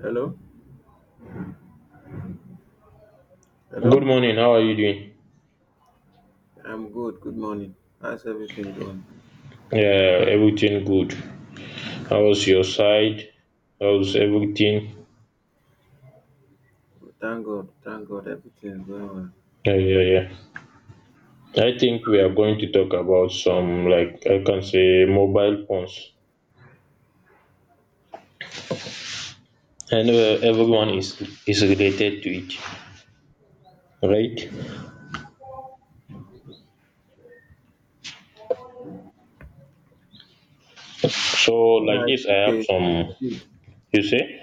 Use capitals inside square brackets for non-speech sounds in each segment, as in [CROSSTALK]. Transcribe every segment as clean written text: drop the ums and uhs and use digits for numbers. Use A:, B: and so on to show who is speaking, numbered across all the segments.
A: Hello,
B: Good
A: hello.
B: morning. How are you doing?
A: I'm good. Good morning. How's everything going?
B: Yeah, everything good. How was your side? How's everything?
A: Well, thank God. Thank God. Everything is going well.
B: Yeah, yeah, yeah. I think we are going to talk about some, like, I can say mobile phones. I know everyone is related to it, right? So like
A: Yeah, it's
B: this, I
A: okay.
B: have
A: It's
B: some.
A: good.
B: You say?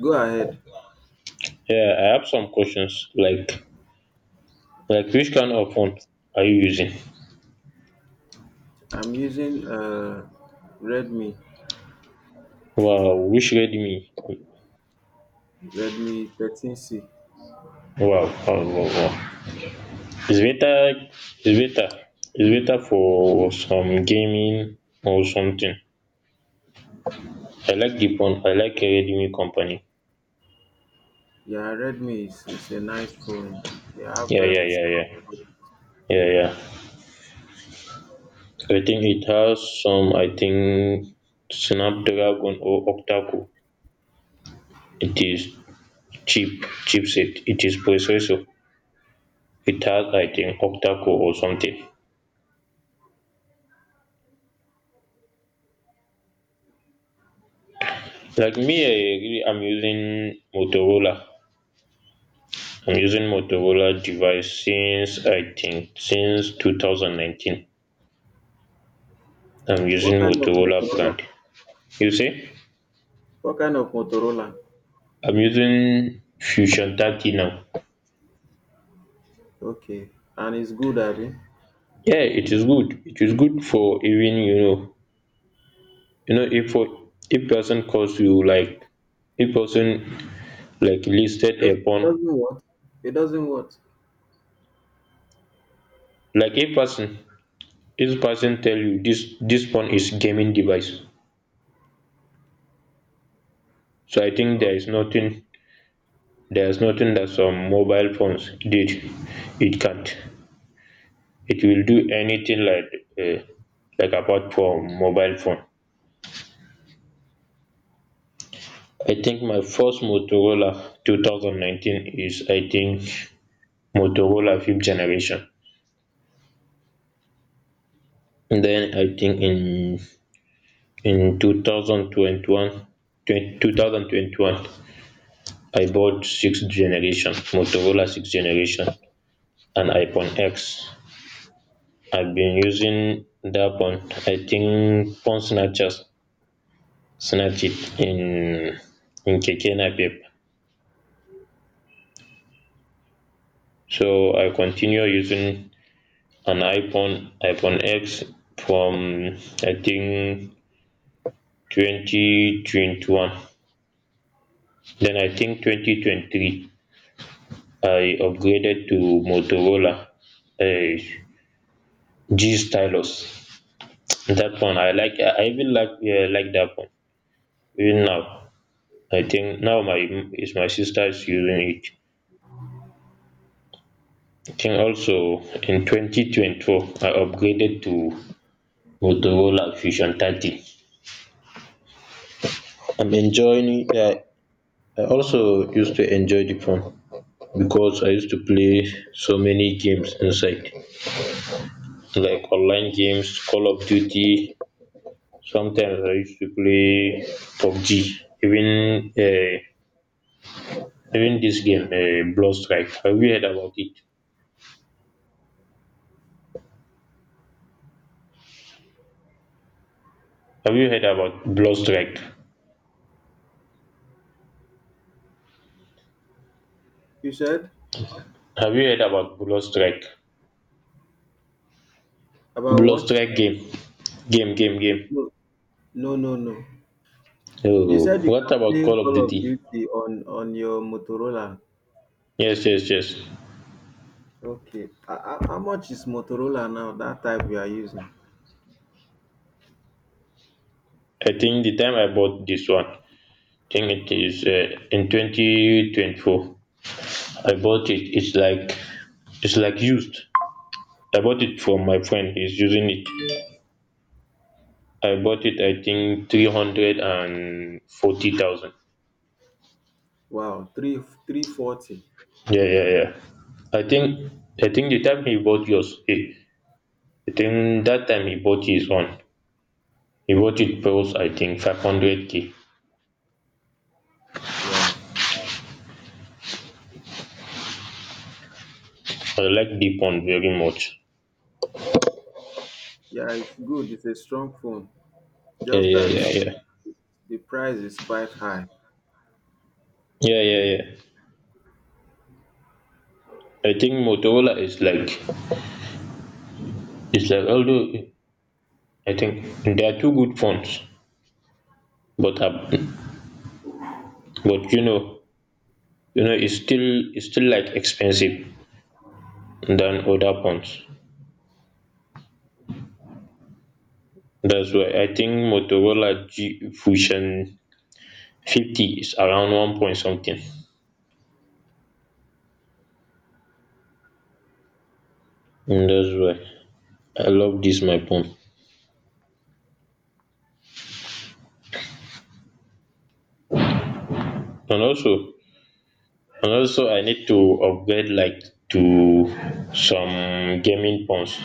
A: Go ahead.
B: Yeah, I have some questions. Like which kind of phone are you using?
A: I'm using Redmi,
B: Wow, which Redmi?
A: Redmi 13C.
B: Wow, wow, wow, wow. It's better it's better it's better for some gaming or something. I like the phone. I like Redmi company.
A: Yeah, Redmi is a nice phone. They have
B: Yeah, yeah, yeah,
A: strong
B: yeah,
A: camera.
B: yeah, yeah. I think it has some. I think Snapdragon or octa core. It is cheap chipset. It is processor. It has, I think, octa core or something. Like me, I really am using Motorola. I'm using Motorola device since, I think, since 2019. I'm using
A: What kind of
B: Motorola
A: Motorola?
B: brand. You see,
A: What kind of Motorola?
B: I'm using Fusion 30 now.
A: Okay, and it's good, Abby.
B: Yeah, it is good. It is good for even, if person calls you, like if person, like, listed
A: Does
B: a
A: it
B: phone,
A: doesn't what? It doesn't what?
B: like if person tell you this phone is gaming device. So I think there is
A: Okay.
B: nothing there is nothing that some mobile phones did. It can't. It will do anything like, uh, like, apart from mobile phone. I think my first Motorola 2019 is, I think, Motorola fifth generation. And then I think in in two thousand twenty one, 2021, I bought sixth generation, Motorola sixth generation, and iPhone X. I've been using that one. I think phone snatchers snatch it in Keke Napep. So I continue using an iPhone X from, I think, 2021. Then I think 2023 I upgraded to Motorola, uh, G Stylus. That one I like. I even like, like, that one even now. I think now my is my sister's using it. I think also in 2024 I upgraded to Motorola Fusion 30. I'm enjoying. I also used to enjoy the phone, because I used to play so many games inside, like online games, Call of Duty. Sometimes I used to play PUBG, even, even this game, Blood Strike. Have you heard about it? Have you heard about Blood Strike?
A: You said
B: Have you heard about Blood Strike?
A: about
B: Blood
A: what?
B: Strike game.
A: No, no, no, no. You
B: Oh,
A: said you
B: what
A: can
B: about
A: play
B: Call of
A: Call of
B: Duty?
A: Duty on your Motorola.
B: Yes, yes, yes.
A: Okay. How much is Motorola now? That type we are using?
B: I think the time I bought this one, I think it is, in 2024. I bought it. It's like, used. I bought it from my friend. He's using it. I bought it, I think, 340,000.
A: Wow, 3 3 40.
B: Yeah, yeah, yeah. I think I think the time he bought yours, he, I think that time he bought his one. He bought it plus, I think, 500 k.
A: Wow.
B: I like deep one very much.
A: Yeah, it's good. It's a strong phone.
B: Yeah,
A: Just
B: yeah,
A: that
B: yeah, yeah,
A: the price is quite high.
B: yeah, yeah, yeah. I think Motorola is like, it's like, although I think they are two good phones, but uh, but you know, you know it's still it's still like expensive than other phones. That's why I think Motorola G Fusion 50 is around one point something. And that's why I love this my phone. And also, I need to upgrade like to some gaming phones.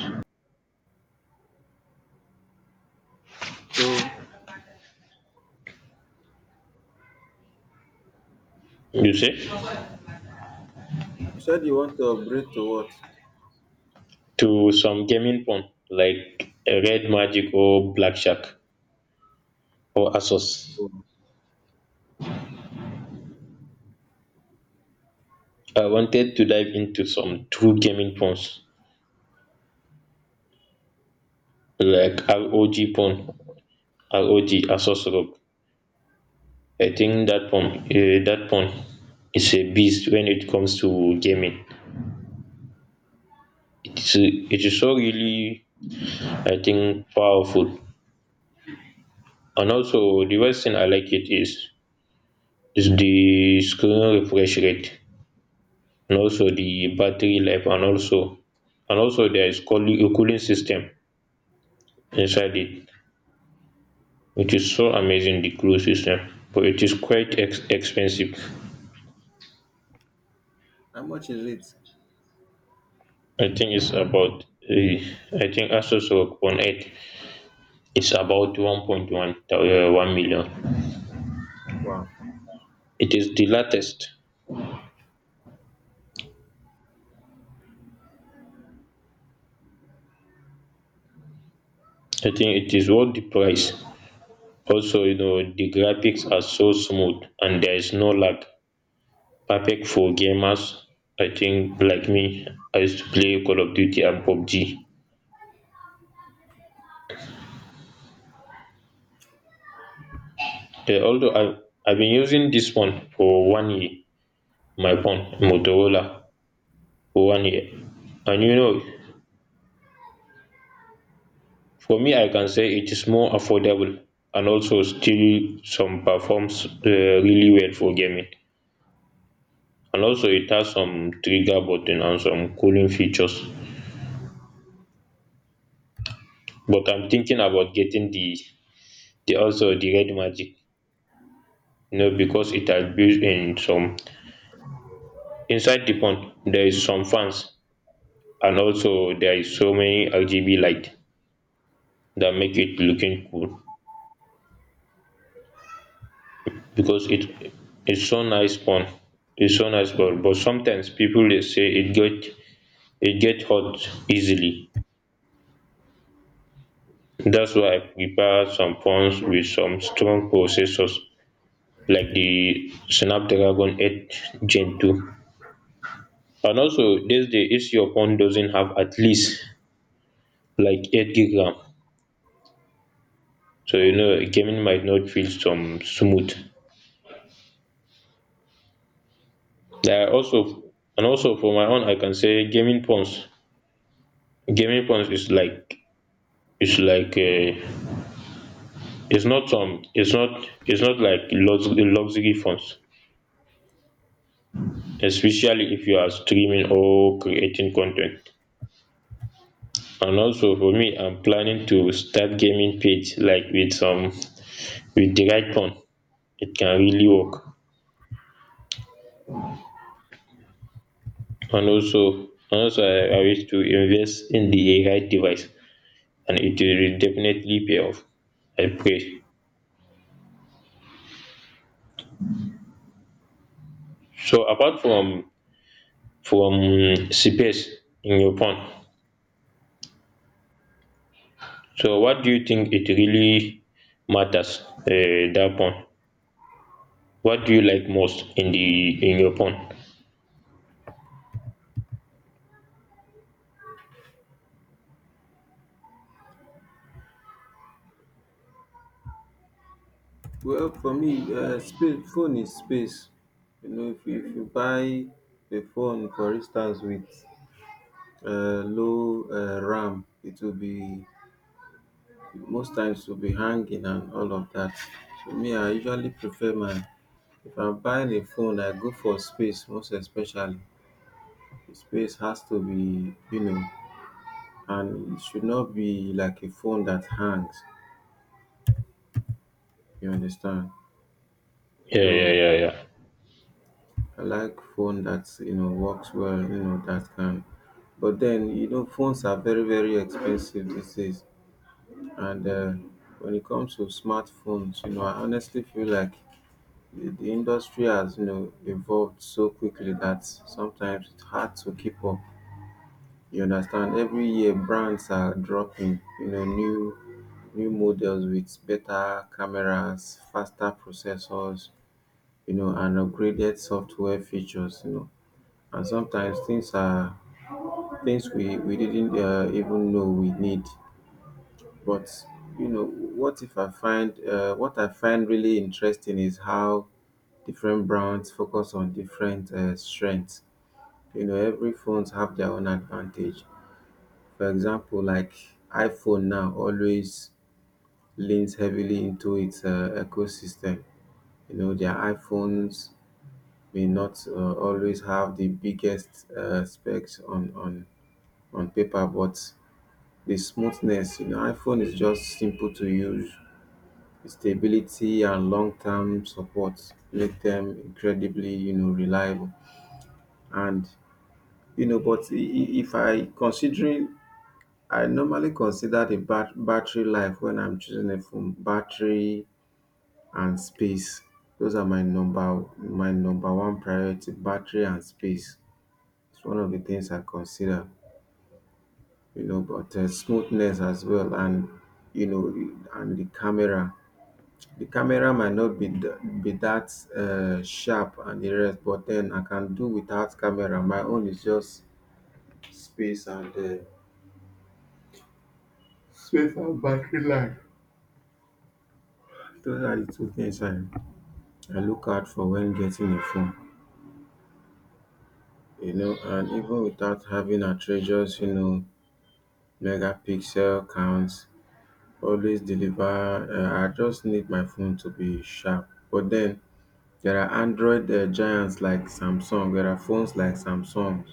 A: So
B: You say
A: you said you want to upgrade to what?
B: to some gaming phone like a Red Magic or Black Shark or Asus.
A: Oh,
B: I wanted to dive into some true gaming phones like ROG phone, ROG, Asos ROG. I think that phone is a beast when it comes to gaming. It is so really, I think, powerful. And also, the worst thing I like it is the screen refresh rate, and also the battery life, and also, there is cooling, a cooling system inside it, which is so amazing. The cooling system, but it is quite expensive.
A: how much is it?
B: I think it's about, I think Asus ROG Phone 8 is about 1.1, 1 million.
A: Wow.
B: It is the latest. I think it is worth the price. Also, you know, the graphics are so smooth and there is no lag. Perfect for gamers. I think like me, I used to play Call of Duty and PUBG. Although I've been using this one for 1 year, my phone, Motorola, for 1 year. And you know, for me, I can say it is more affordable and also still some performs, really well for gaming, and also it has some trigger button and some cooling features. But I'm thinking about getting the Red Magic, you know, because it has built in some inside the pond. There is some fans and also there is so many RGB light that make it looking cool, because it's so nice pond, But sometimes people they say it get hot easily. That's why I prepare some phones with some strong processors like the Snapdragon 8 Gen 2. And also this days, if your phone doesn't have at least like 8 gig RAM, so you know gaming might not feel some smooth. There are also, and also for my own, I can say gaming phones is like, it's like, is not some, it's not like luxury phones, especially if you are streaming or creating content. And also for me, I'm planning to start gaming page, like with some, with the right fund it can really work. And also I wish to invest in the right device and it will definitely pay off, I pray. So apart from space in your phone, so what do you think it really matters, that phone. What do you like most in the in your phone?
A: Well, for me, space, phone is space. You know, if you buy a phone, for instance, with low RAM, it will be most times will be hanging and all of that. So me, I usually prefer my if I'm buying a phone, I go for space most especially. The space has to be, you know, and it should not be like a phone that hangs. You understand?
B: Yeah, yeah,
A: So
B: yeah, yeah.
A: I like phone that you know works well, you know, that can but then you know phones are very expensive these days. And when it comes to smartphones, you know, I honestly feel like the industry has, you know, evolved so quickly that sometimes it's hard to keep up. You understand? Every year, brands are dropping, you know, new models with better cameras, faster processors, you know, and upgraded software features. You know, and sometimes things we didn't even know we need. But you know, what if I find what I find really interesting is how different brands focus on different strengths. You know, every phones have their own advantage. For example, like iPhone now always leans heavily into its ecosystem. You know, their iPhones may not always have the biggest specs on on paper, but the smoothness. You know, iPhone is just simple to use, stability and long-term support make them incredibly you know reliable. And you know if I considering, I normally consider the battery life when I'm choosing a phone, battery and space. Those are my number one priority, battery and space. It's one of the things I consider, you know, but smoothness as well, and you know, and the camera. The camera might not be be that sharp and the rest, but then I can do without camera. My own is just space and um space and battery life. Those are the two things I look out for when getting a phone, you know, and even without having outrageous, you know, megapixel counts, always deliver. I just need my phone to be sharp. But then there are Android giants like Samsung. There are phones like Samsung,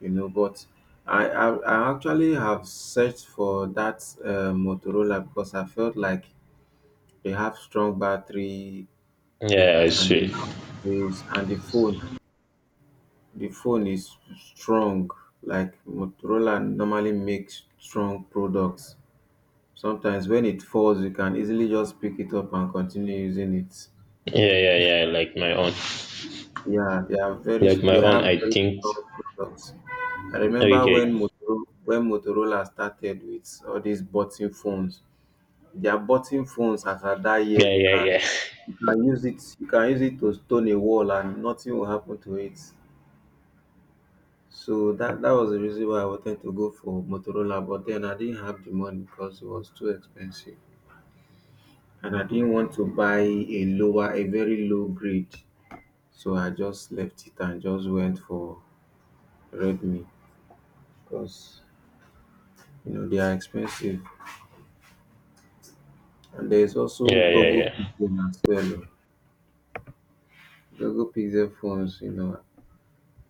A: you know. But I I, I actually have searched for that Motorola because I felt like they have strong battery
B: Yeah, I
A: and
B: see.
A: space, and the phone is strong. Like Motorola normally makes strong products. Sometimes when it falls, you can easily just pick it up and continue using it.
B: Yeah, yeah, yeah, like my own,
A: Yeah, they are very. They have
B: I
A: very
B: think.
A: strong products. I remember
B: Okay.
A: When Motorola started with all these button phones. Their button phones as at that year,
B: Yeah,
A: you
B: yeah,
A: can
B: yeah.
A: you can use it to stone a wall and nothing will happen to it. So that was the reason why I wanted to go for Motorola, but then I didn't have the money because it was too expensive, and I didn't want to buy a very low grade. So I just left it and just went for Redmi, because you know they are expensive. And there is
B: [LAUGHS]
A: also
B: Yeah, yeah,
A: Google
B: yeah.
A: Pixel as well. Oh. Google Pixel phones, you know,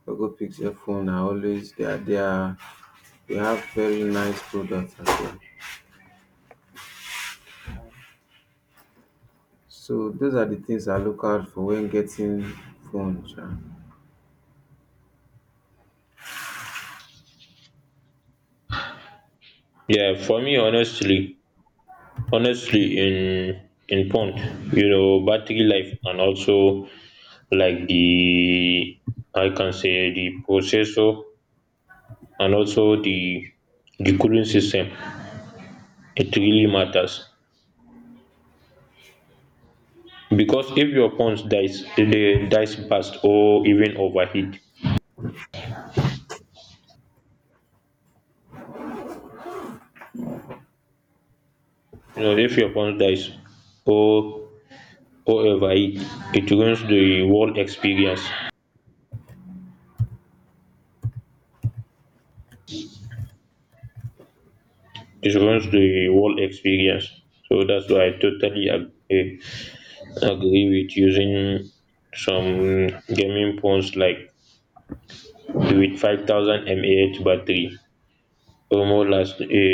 A: Poco Pixel phone are always they are, they have very nice products as well. So those are the things I look out for when getting phone. Sha.
B: Yeah, for me, honestly in pond, you know, battery life and also, like, the, I can say, the processor, and also the cooling system. It really matters, because if your pond dies, they dies fast or even overheat. You know, if your pond dies or or overheat, it ruins the whole experience. It ruins the whole experience. So that's why I totally agree with using some gaming phones like with 5,000 mAh battery, omo last a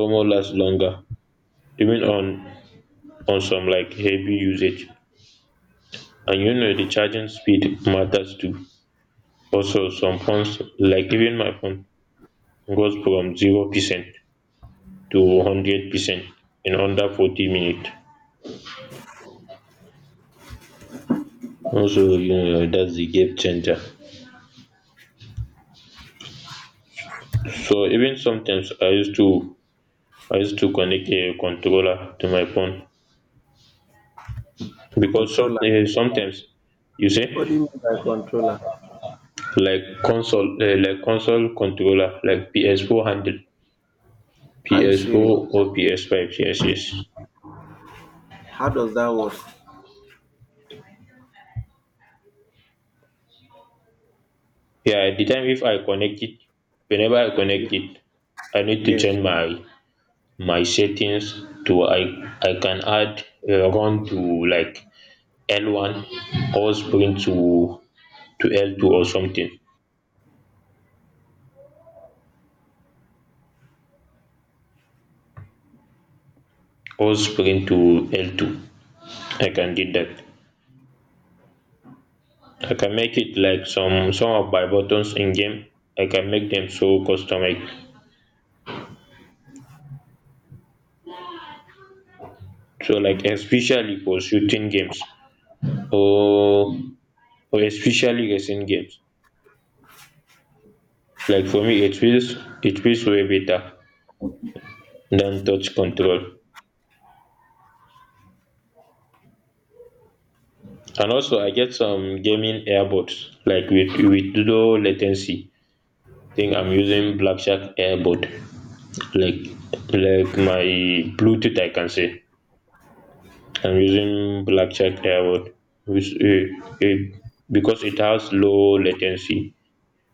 B: omo last longer, even on some like heavy usage. And you know the charging speed matters too. Also some phones, like even my phone, goes from 0% to 100% in under 40 minutes. Also, you know, that's the game changer. So even sometimes I used to connect a controller to my phone, because some,
A: Controller.
B: sometimes, you see,
A: What do you mean by controller?
B: like console, like console controller, like PS4 handle,
A: Are you
B: PS4
A: serious?
B: or PS5, yes, yes.
A: How does that work?
B: Yeah, at the time if I connect it, whenever I
A: Ye-
B: connect it, I need to
A: Yes.
B: change my settings. To I I can add, run to, like, L1, or sprint to L two, or something, or sprint to L2. I can do that. I can make it like, some of my buttons in game. I can make them so customized. So like, especially for shooting games, or or especially racing games. Like for me, it feels way better than touch control. And also, I get some gaming earbuds, like with low latency. Think I'm using Black Shark earbud, like, my Bluetooth, I can say. I'm using Blackchat Airword, which, because it has low latency.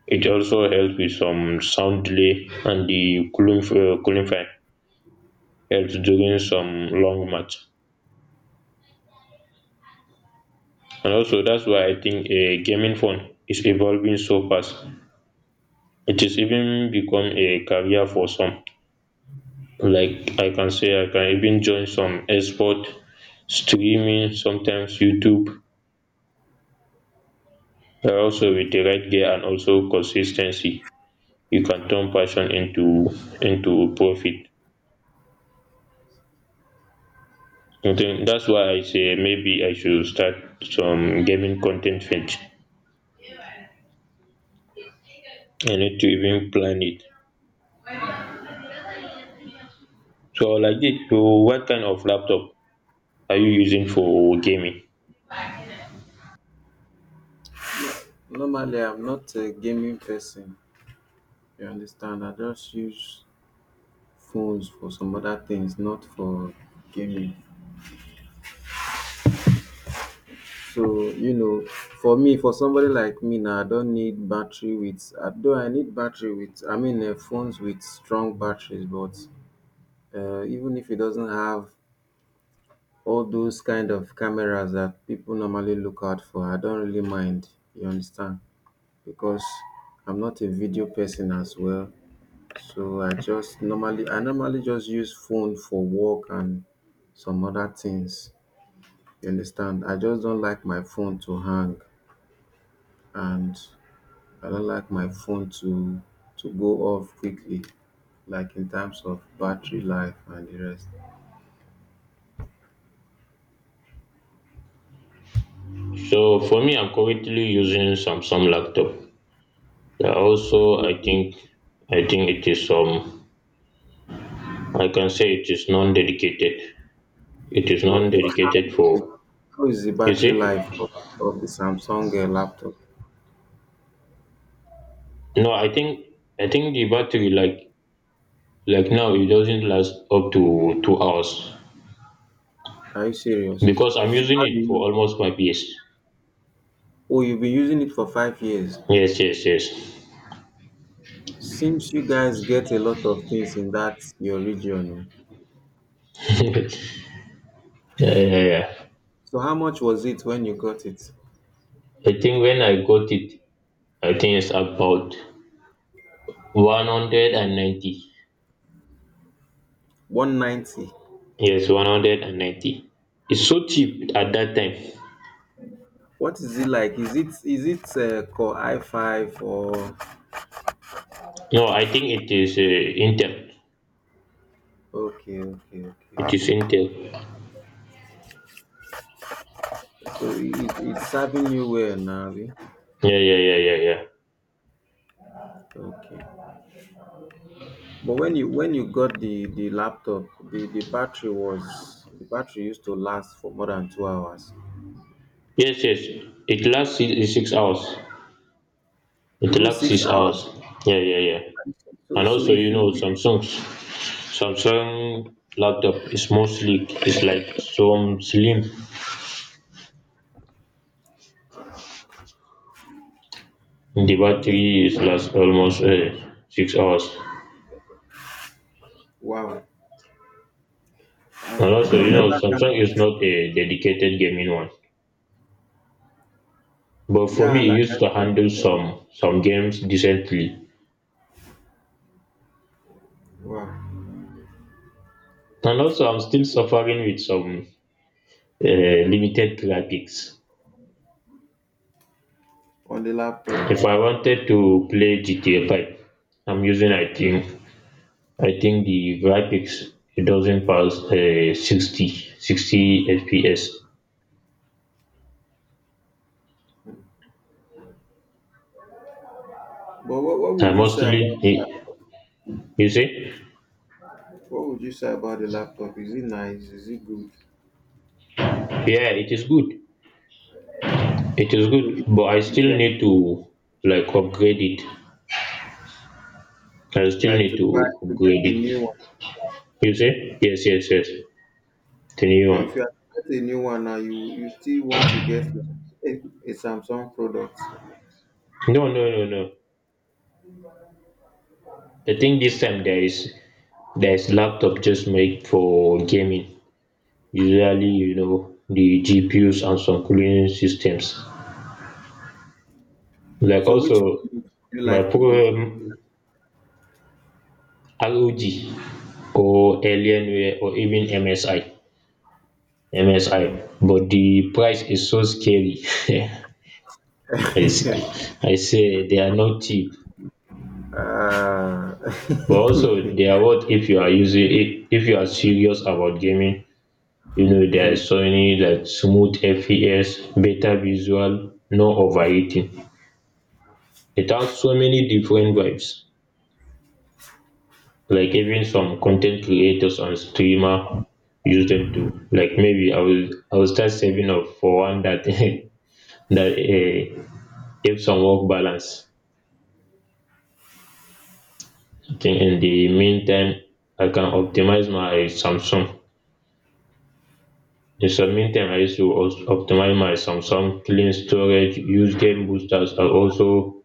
B: It also helps with some sound delay, and the cooling fan helps during some long match. And also that's why I think a gaming phone is evolving so fast. It is even become a career for some. Like, I can say, I can even join some esport streaming, sometimes YouTube. Also with the right gear and also consistency, you can turn passion into profit. I think that's why I say maybe I should start some gaming content page. I need to even plan it. So like this, so what kind of laptop are you using for gaming?
A: Normally, I'm not a gaming person. You understand? I just use phones for some other things, not for gaming. So, you know, for me, for somebody like me now, I don't need battery with, I don't, I need battery with, I mean, phones with strong batteries, but even if it doesn't have all those kind of cameras that people normally look out for, I don't really mind, you understand? Because I'm not a video person as well. So I normally just use phone for work and some other things, you understand? I just don't like my phone to hang, and I don't like my phone to go off quickly, like in terms of battery life and the rest.
B: So for me, I'm currently using Samsung laptop. Yeah, also, I think it is, I can say, it is non-dedicated. It is
A: What How
B: non-dedicated
A: is the
B: for,
A: how is the
B: you
A: battery
B: see.
A: life of the Samsung laptop?
B: No, I think, the battery, like now, it doesn't last up to 2 hours,
A: Are you serious?
B: because I'm
A: So
B: using
A: how do
B: it for
A: you?
B: almost 5 years.
A: Oh, you've been using it for 5 years.
B: Yes, yes, yes.
A: Seems you guys get a lot of things in that your region. Oh.
B: [LAUGHS] Yeah, yeah, yeah.
A: So how much was it when you got it?
B: I think when I got it, I think it's about 190.
A: 190.
B: Yes, 190. It's so cheap at that time.
A: What is it like? Is it Core I five or?
B: No, I think it is, Intel.
A: Okay, okay.
B: It is Intel.
A: So it's serving you well now, abi?
B: Yeah, yeah, yeah, yeah, yeah.
A: Okay. But when you got the laptop, the battery was the battery used to last for more than 2 hours,
B: Yes, yes. It lasts 6 hours. It
A: even
B: lasts
A: six
B: 6 hours.
A: hours.
B: Yeah, yeah, yeah.
A: So
B: And also, you know,
A: if
B: Samsung laptop is more sleek. It's like some slim. The
A: you-
B: battery is lasts almost 6 hours.
A: wow,
B: And also,
A: I've never had,
B: Samsung is not a dedicated gaming one. But for
A: yeah,
B: me, it
A: like I
B: used to
A: said
B: handle
A: on,
B: some games decently.
A: wow,
B: And also, I'm still suffering with some limited graphics.
A: on the laptop.
B: If I wanted to play GTA 5, I'm using I think I think the graphics it doesn't pass 60 60 FPS.
A: But what
B: I
A: would you say about
B: mostly
A: the
B: it
A: laptop?
B: you say
A: What would you say about the laptop? Is it nice? Is it good?
B: yeah, it is good,
A: So
B: but I
A: if
B: still
A: you have
B: need
A: to
B: to, like, upgrade it. I still
A: like
B: need
A: to buy
B: to
A: to get
B: upgrade
A: a new.
B: it you say yes, yes, yes, the new
A: So
B: one.
A: if you get a new one now, you still want to get like a Samsung product.
B: No, no, no, no, the thing this time there is, laptop just made for gaming. Usually, the GPUs and some cooling systems. Like,
A: So which
B: also,
A: would you
B: my
A: like to
B: program, ROG or Alienware or even MSI.
A: go
B: But the price is so scary. [LAUGHS] I
A: for?
B: say
A: [LAUGHS]
B: I say they are not cheap.
A: Ah,
B: But
A: [LAUGHS]
B: also they are worth if you are serious about gaming. You know there
A: mm,
B: is so many like smooth FPS, better visual, no overheating. It has so many different vibes. Like, even some content creators and streamer use them too. Like, maybe I will start saving up for one that [LAUGHS] that helps some work balance. Then in the meantime, I can optimize my Samsung. In some meantime, I used to also optimize my Samsung, clean storage, use game boosters, and also,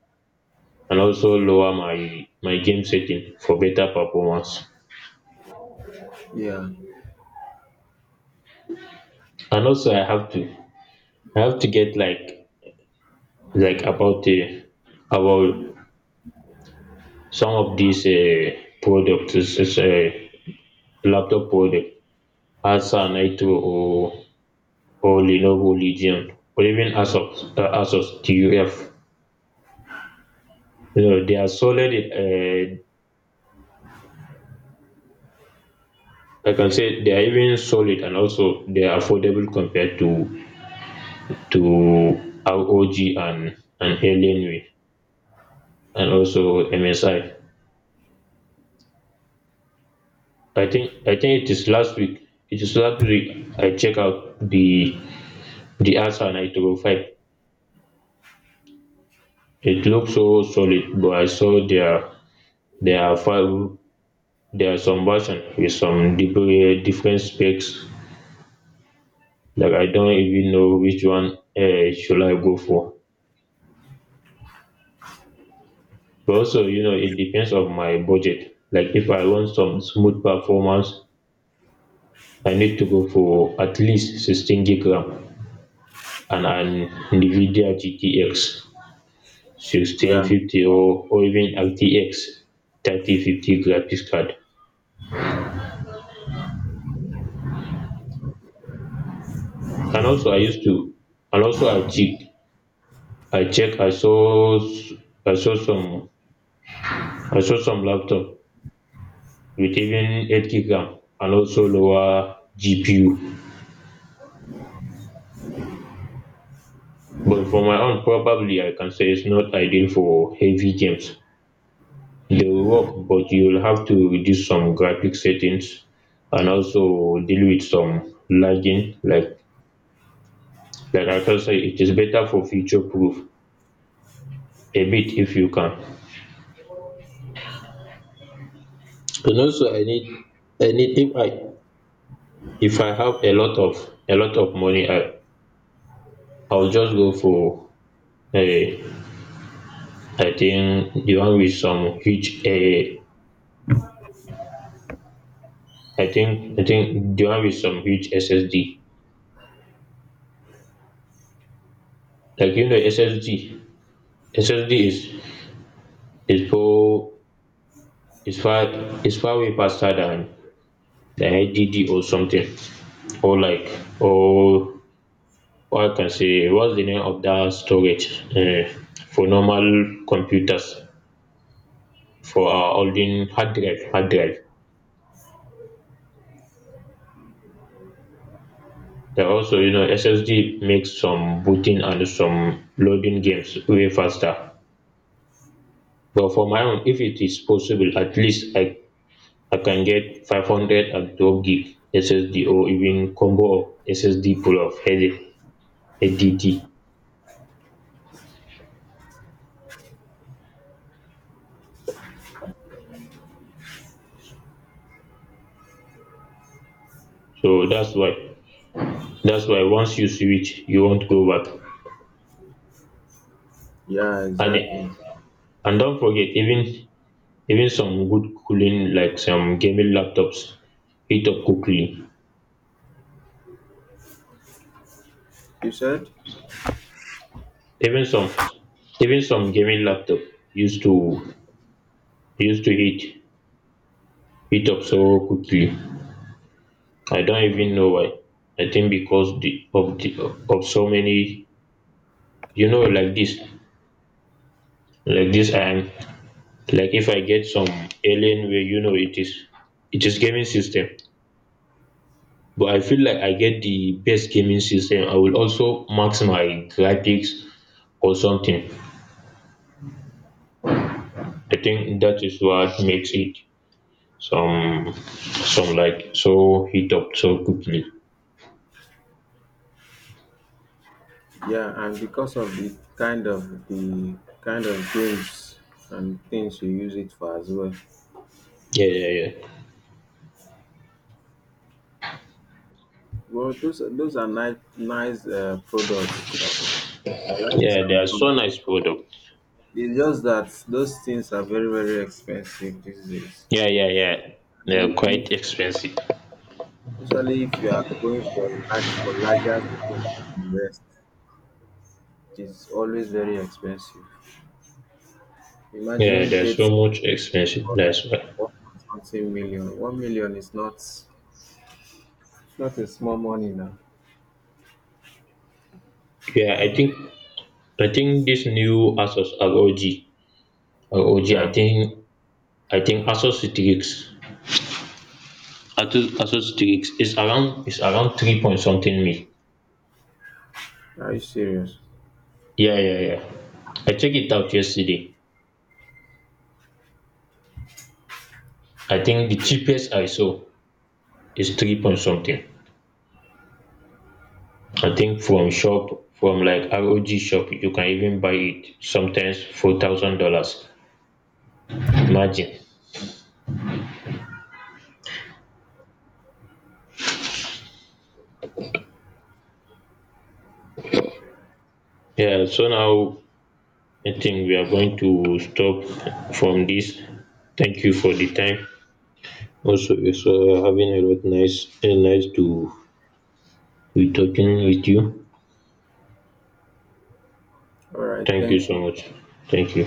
B: lower my game setting for better performance.
A: yeah.
B: And also, I have to get, like, like about the about some of these products. This is a laptop product. Acer Nitro, or Lenovo Legion, or even Asus TUF. No, they are solid. I can say they are even solid, and also they are affordable compared to ROG and Alienware, and also MSI. I think it is last week. I check out the Acer Nitro 5. It looks so solid, but I saw there are five, there are some version with some different specs. Like, I don't even know which one should I go for. But also, it depends on my budget. Like, if I want some smooth performance, I need to go for at least 16 gig RAM and an Nvidia GTX
A: Yeah,
B: 1650, or even RTX 3050 graphics card. and also i used to and also I check I check i saw some I saw some laptop with even 8 gig RAM and also lower GPU. But for my own, probably I can say its not ideal for heavy games. They will work, but you'll have to reduce some graphic settings and also deal with some lagging. Like, I can say it is better for future proof a bit if you can. And also, I need if I if I have a lot of money, I'll just go for a, I think the one with some huge, I think the one with some huge SSD. Like, you know, SSD. SSD is far is far is far way faster than the HDD or something. Or like or, or I can say what's the name of that storage, for normal computers, for our holding, hard drive. There also, SSD makes some booting and some loading games way faster. But for my own, if it is possible, at least I can get 500 gig SSD or even combo of SSD full of HDD. So that's why once you switch, you won't go back.
A: yeah,
B: And
A: exactly.
B: and don't forget, even some good cooling, like some gaming laptops heat up quickly.
A: You said,
B: Even some even some gaming laptop used to used to heat up so quickly. I don't even know why. I think because of so many, like this, like this um like if I get some alien way, you know, it is gaming system. But I feel like I get the best gaming system, I will also max my graphics or something. I think that is what makes it some, like, so heat up so quickly.
A: yeah, and because of the kind of the kind of games and things you use it for as well.
B: Yeah, yeah, yeah.
A: Well, those are nice products. Sha. I like
B: Yeah, they are
A: Samsung.
B: so nice product.
A: It's just that those things are very expensive these days.
B: Yeah, yeah, yeah. They are
A: If
B: quite expensive.
A: Especially if you are going for a large for larger things than the rest, it is always very expensive.
B: Yeah,
A: Imagine
B: they are
A: getting
B: so much expensive
A: for like
B: that's why
A: one point something million. 1 million is not a small money now.
B: yeah I think these new Asus ROG, OG, I
A: Yeah.
B: think I think Asos Strix. Atos Asos Strix is around three point something mil.
A: Are you serious?
B: Yeah, yeah, yeah. I checked it out yesterday. I think the cheapest I saw is three point something. I think from like ROG shop you can even buy it sometimes for $1,000. Imagine. Yeah, so now I think we are going to stop from this. Thank you for the time. Also, it's having a lot nice, nice to we talking with you.
A: All right,
B: Thank you
A: thank
B: so
A: you.
B: much. Thank you.